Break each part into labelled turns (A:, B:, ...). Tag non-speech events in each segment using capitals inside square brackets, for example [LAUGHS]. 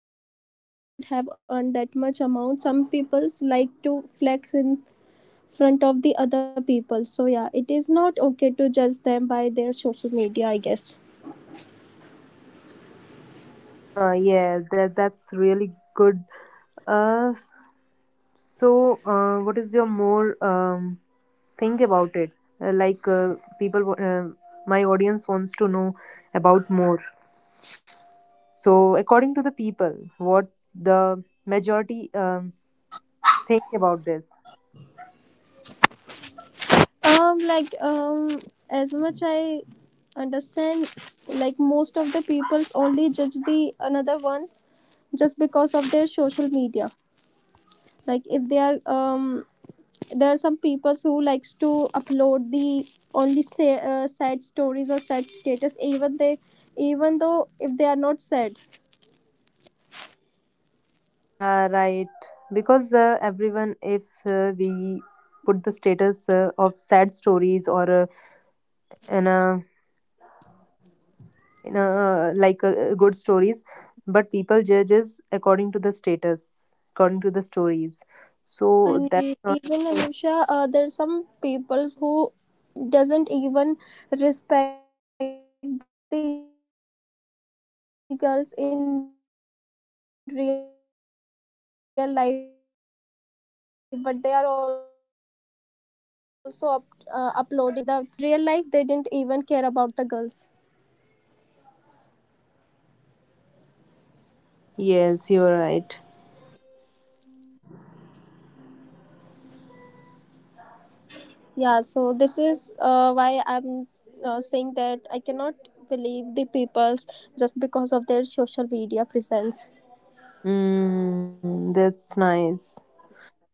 A: but however they do not have earned that much amount. Some peoples like to flex in front of the other people. So yeah, it is not okay to judge them by their social media, I guess.
B: Yeah, that's really good. Uh, s- what is your more think about it. People, my audience wants to know about more. So, according to the people, what the majority think about this?
A: Um like um as much I understand, like most of the peoples only judge the another one just because of their social media, like if they are there are some people who likes to upload the only say, sad stories or sad status, even though if they are not sad.
B: Yeah, right. Because everyone, if we put the status of sad stories or in a in a like good stories, but people judges according to the status, according to the stories. So
A: And
B: that's not.
A: even Anusha, there are some people who doesn't even respect the girls in real life, but they are also uploading the stories and status to like the for the woman empowerment and etc etc, but in real life they didn't even care about the girls.
B: Yes, you're right.
A: Yeah, so this is why I'm saying that I cannot believe the peoples just because of their social media presence.
B: Mm, that's nice.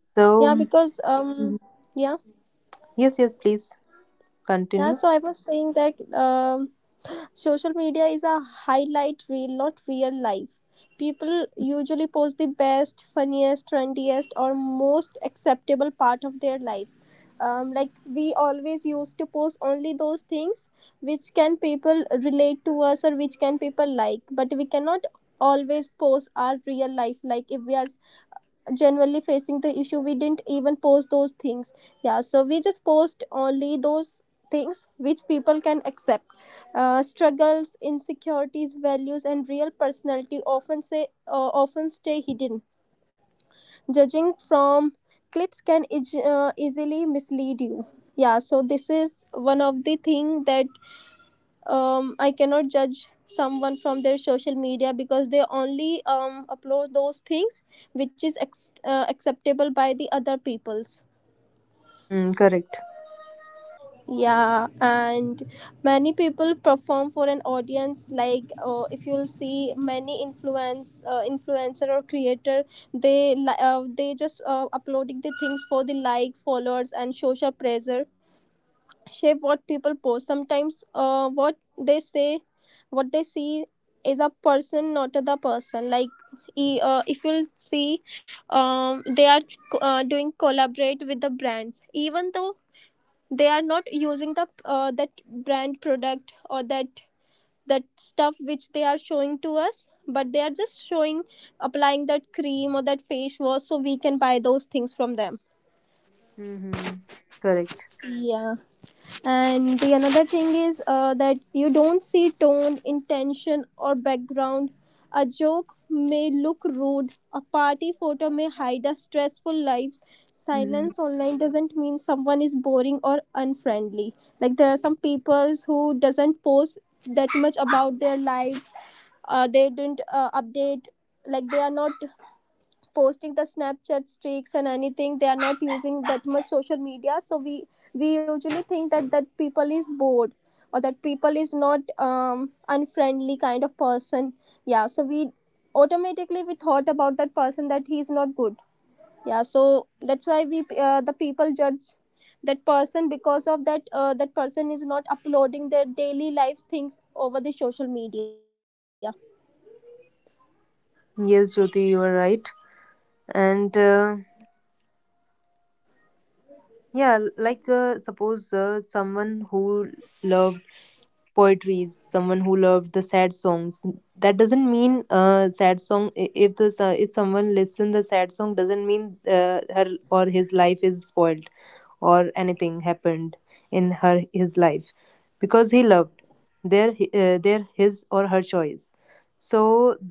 A: Yeah,
B: So,
A: because
B: mhm,
A: yeah.
B: yes, yes, please
A: Yeah, so I
B: continue.
A: was saying that um, social media is a highlight reel, not real life. People usually post the best, funniest, trendiest, or most acceptable part of their lives. Like we always used to post only those things which can people relate to us or which can people like, but we cannot always post our real life. Like if we are generally facing the issue, we didn't even post those things. Yeah, so we just post only those things which people can accept. Struggles, insecurities, values and real personality often say often stay hidden. Judging from clips can easily mislead you. Yeah, so this is one of the thing that I cannot judge someone from their social media because they only upload those things which is acceptable by the other peoples.
B: Mm, correct.
A: Yeah, and many people perform for an audience. Like if you'll see many influencer or creator, they just uploading the things for the like, followers, and social pressure shape what people post, sometimes what they say, what they see is a person not the person. Like if you'll see they are doing collaborate with the brands even though they are not using the that brand product or that stuff which they are showing to us, but they are just showing, applying that cream or that face wash so we can buy those things from them.
B: Mm-hmm. Correct.
A: Yeah, and the another thing is that you don't see tone, intention or background. A joke may look rude, a party photo may hide a stressful life,
B: Hmm.
A: silence online doesn't mean someone is boring or unfriendly. Like there are some peoples who doesn't post that much about their lives. Uh, they didn't update, like they are not posting the Snapchat streaks and anything, they are not using that much social media, so we usually think that that people is bored or that people is not unfriendly kind of person. Yeah, so we, automatically we thought about that person that he is not good. Yeah, so that's why we the people judge that person because of that that person is not uploading their daily life things over the social media.
B: Yes, Jyoti, you are right. And Yeah, like suppose someone who love poetries, someone who loved the sad songs, that doesn't mean sad if the if someone listen the sad song doesn't mean her or his life is spoiled or anything happened in her his life because he loved their his or her choice. So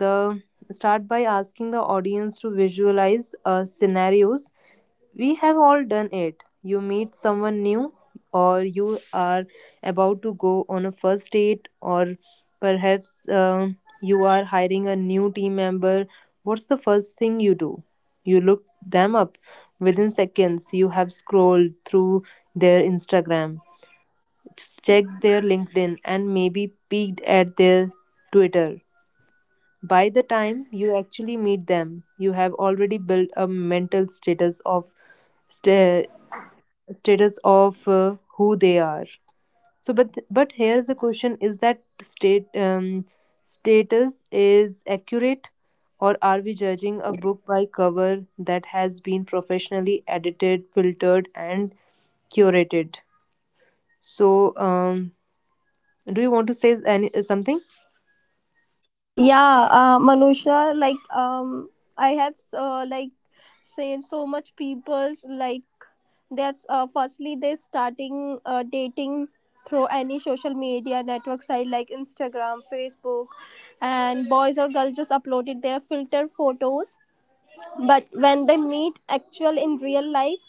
B: the start by asking the audience to visualize scenarios. We have all done it. You meet someone new, or you are about to go on a first date, or perhaps you are hiring a new team member. What's the first thing you do? You look them up. Within seconds, you have scrolled through their Instagram, checked their LinkedIn, and maybe peeked at their Twitter. By the time you actually meet them, you have already built a mental status of sta status of who they are. But here's the question: Is that state status is accurate, or are we judging a book by cover that has been professionally edited, filtered, and curated? So, um, do you want to say any something?
A: Yeah, Manusha, like I have like seen so much peoples like that's firstly they starting dating through any social media network site like Instagram, Facebook, and boys or girls just uploaded their filter photos, but when they meet actual in real life,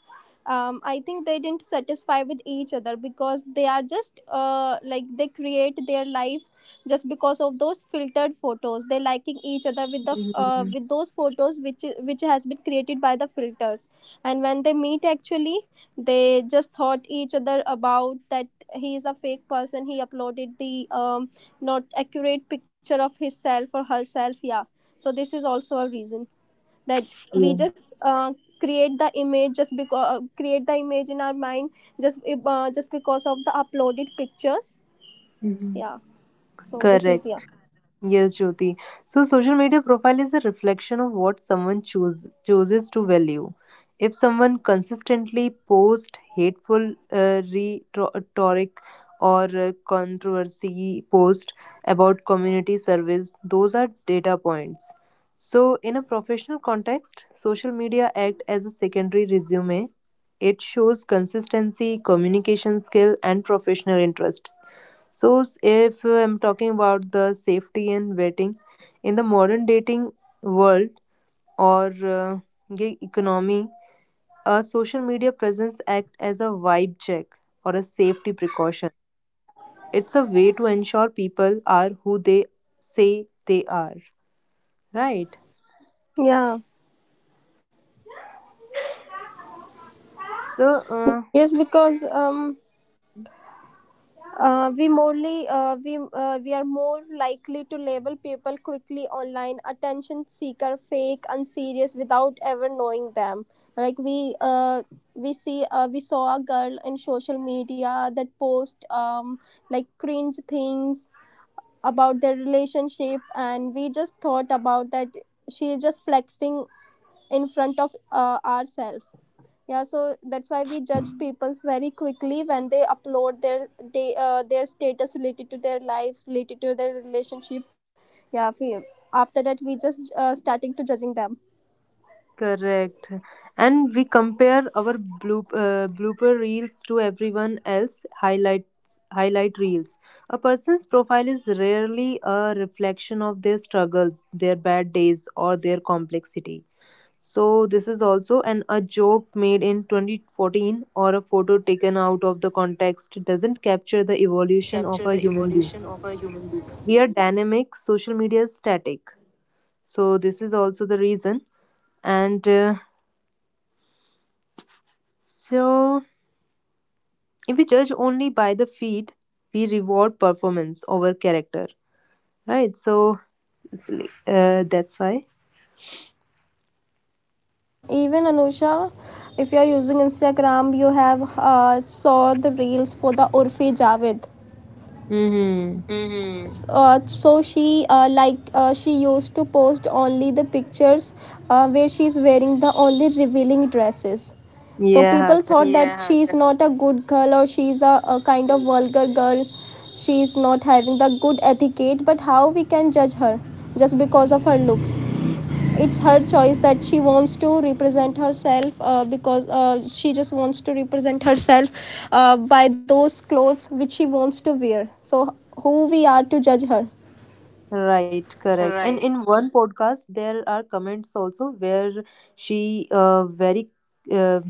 A: I think they didn't satisfy with each other because they are just like they create their life just because of those filtered photos. They liking each other with the
B: Mhm.
A: with those photos which which has been created by the filters, and when they meet actually, they just thought each other about that he is a fake person, he uploaded the not accurate picture of himself or herself. Yeah, so this is also a reason that
B: Yeah.
A: we just create the image just because create the image in our mind just just because of the uploaded pictures.
B: Mhm.
A: Yeah, so this is,
B: Correct.
A: yeah.
B: Yes, Jyoti. So, social media profile is a reflection of what someone chooses to value. If someone consistently posts hateful rhetoric or controversy post about community service, those are data points. So, in a professional context, social media act as a secondary resume. It shows consistency, communication skill, and professional interests. So, s- if I'm talking about the safety and waiting, in the modern dating world, or gig economy, a social media presence act as a vibe check or a safety precaution. It's a way to ensure people are who they say they are, right?
A: Yeah,
B: So, uh,
A: yes because um, we morely we are more likely to label people quickly online, attention seeker, fake, unserious, without ever knowing them. Like we saw a girl in social media that post like cringe things about their relationship and we just thought about that she is just flexing in front of ourselves. Yeah, so that's why we judge peoples very quickly when they upload their their status related to their lives, related to their relationship. Yeah, we, after that we just starting to judging them.
B: Correct. And we compare our blooper reels to everyone else highlight reels. A person's profile is rarely a reflection of their struggles, their bad days or their complexity. So this is also an a joke made in 2014 or a photo taken out of the context doesn't capture the evolution
A: Capture
B: of a
A: the
B: human being.
A: evolution of a human being.
B: We are dynamic, social media is static. So this is also the reason and so if we judge only by the feed, we reward performance over character, right? So it's li- that's why.
A: Uh, even Anusha, if you are using Instagram you have saw the reels for the Urfi Javed.
B: Hmm.
A: Mm-hmm. Uh, so she like she used to post only the pictures where she is wearing the only revealing dresses, so
B: Yeah,
A: people
B: correct.
A: thought that, yeah, she is not a good girl or she is a kind of vulgar girl, she is not having the good etiquette. But how we can judge her just because of her looks? It's her choice that she wants to represent herself because she just wants to represent herself by those clothes which she wants to wear, so who we are to judge her?
B: Right, correct.
A: Right.
B: And in one podcast, there are comments also where she uh,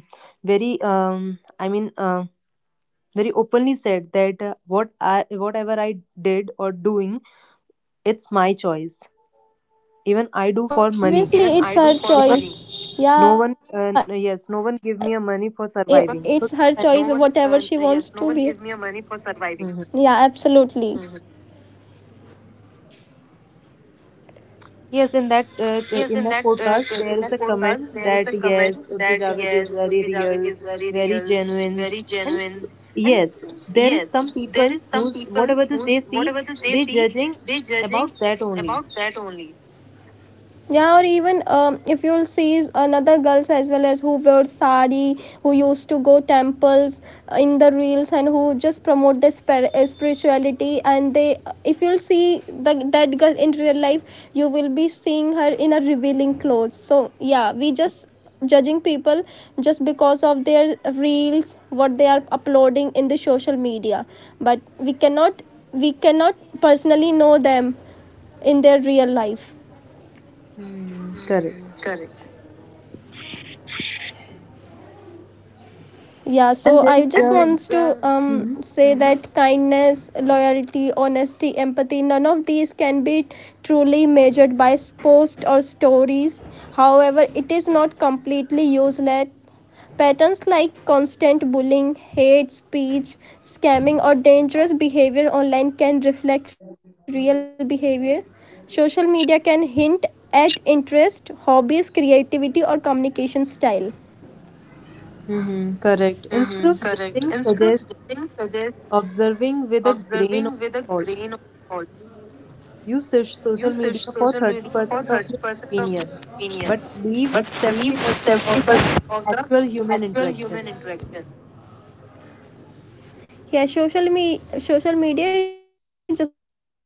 B: very um, I mean, uh, very openly said that whatever I did or doing, it's my choice. Even I do for money,
A: Obviously, even it's her for
B: because
A: choice money. Yeah it, it's her
B: no
A: choice,
B: one
A: no
B: give me
A: whatever
B: a
A: she, yes,
B: money for
A: wants no to one wear give
B: surviving.
A: me
B: So
A: a money for surviving.
B: mhm,
A: Yeah, absolutely. Mm-hmm.
B: in
A: Yes,
B: that
A: in that
B: podcast there is a comment
A: podcast, there
B: that
A: is a
B: yes,
A: comment
B: Urfi
A: that
B: Javed is
A: yes,
B: very
A: Urfi
B: real,
A: Javed is very
B: very
A: real,
B: genuine,
A: very
B: and
A: genuine, and
B: yes, there is
A: yes,
B: some people
A: there is some
B: who's
A: people
B: whatever that they
A: who's
B: see,
A: whatever that they
B: they
A: see,
B: judging
A: they judging
B: about that only.
A: about that only. Yeah, or even if you'll see another girls as well as who wear sari, who used to go temples in the reels and who just promote their spirituality, and they if you'll see the, that girl in real life, you will be seeing her in a revealing clothes. So yeah, we just judging people just because of their reels what they are uploading in the social media, but we cannot personally know them in their real life.
B: Hmm, correct.
A: Correct. Yeah, so
B: And there
A: I
B: is
A: just, and then,
B: a
A: wants that's to
B: hmm.
A: say that kindness, loyalty, honesty, empathy, none of these can be truly measured by posts or stories. However, it is not completely useless. Patterns like constant bullying, hate speech, scamming or dangerous behavior online can reflect real behavior. Social media can hint at interest, hobbies, creativity or communication style.
B: Mm-hmm, correct.
A: Mm-hmm,
B: Instead of
A: correct. Instead
B: judging,
A: of
B: suggest
A: judging, suggest
B: observing with a
A: observing
B: grain
A: with
B: of
A: a
B: salt.
A: grain of salt.
B: Use
A: Use
B: social media for
A: social media for
B: 30% of your
A: 30% of the
B: opinion,
A: opinion,
B: but leave
A: but leave
B: 70% of the
A: 70% of the
B: actual human
A: actual
B: interaction.
A: human interaction. Yeah, social media is just for the fun,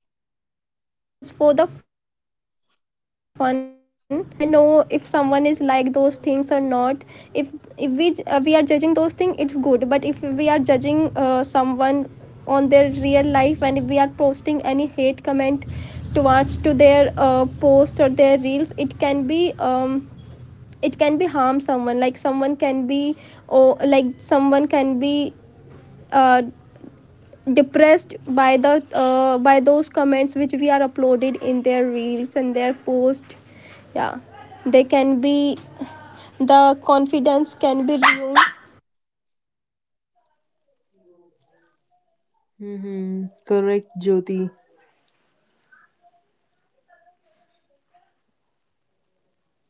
A: like we just can judge. Uh, we just can know if someone is like those things or not. If if we we are judging those things, it's good, but if we are judging someone on their real life and if we are posting any hate comment towards to their post or their reels, it can be um, it can be harm someone, like someone can be, or like someone can be uh, depressed by the by those comments which we are uploaded in their reels and their post. Yeah, they can be, the confidence can be ruined.
B: Mm-hmm. Correct, Jyoti.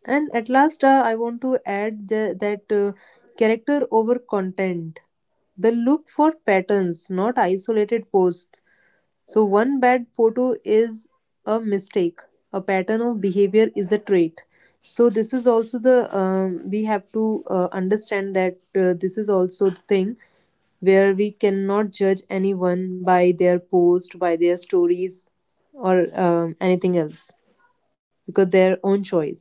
B: And at last, I want to add that character over content. The look for patterns, not isolated posts. So, one bad photo is a mistake. A pattern of behavior is a trait. So, this is also the we have to understand that this is also the thing where we cannot judge anyone by their post, by their stories, or anything else because their own choice.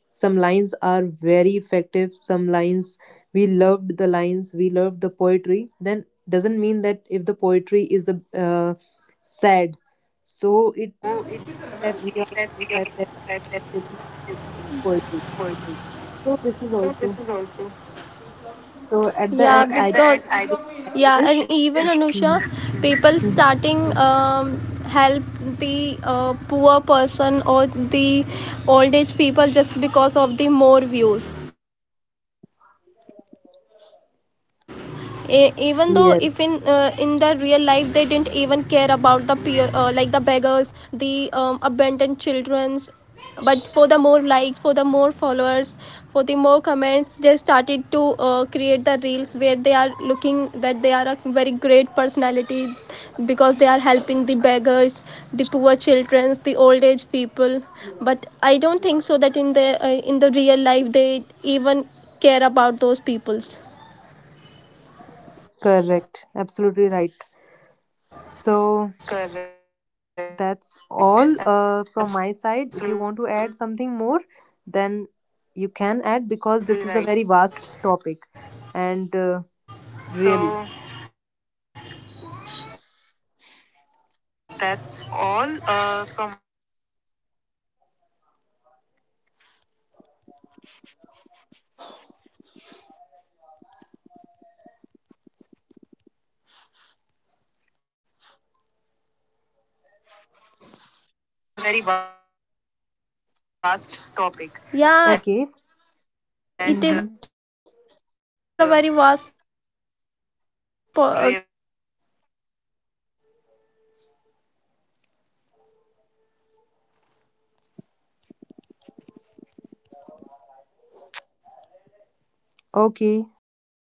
B: Some lines are very effective, some lines we loved the lines, we loved the poetry. Then doesn't mean that if the poetry is a sad, so it
A: So it
B: that we are
A: that we are
B: sad that
A: that
B: this is
A: is
B: poetry.
A: important.
B: So this is
A: So this
B: also
A: is also,
B: so at the
A: yeah,
B: end
A: so
B: I just
A: because end,
B: feel
A: I,
B: like
A: yeah, and
B: this.
A: even Anusha
B: Mhm.
A: people
B: Mhm.
A: starting help the poor person or the old age people just because of the more views. Even though if in the real life they didn't even care about
B: Yes,
A: the like the beggars, the abandoned childrens, but for the more likes, for the more followers, for the more comments, they started to create the reels where they are looking that they are a very great personality because they are helping the beggars, the poor children, the old age people. But I don't think so that in the real life they even care about those peoples.
B: correct, absolutely right. So that's all
A: Correct.
B: from my side. If you want to add
A: Absolutely
B: something more,
A: right.
B: then you can add, because this is a very vast topic
A: So
B: and really.
A: that's all from my side. If you want to add something more, then you can add because this is a very vast topic. Yeah, it, and it is a
B: Okay.
A: very really, topic.
B: Hmm.
A: It can take even [LAUGHS] 24 hours, but as of now I just wants to say these things only.
B: Okay. So,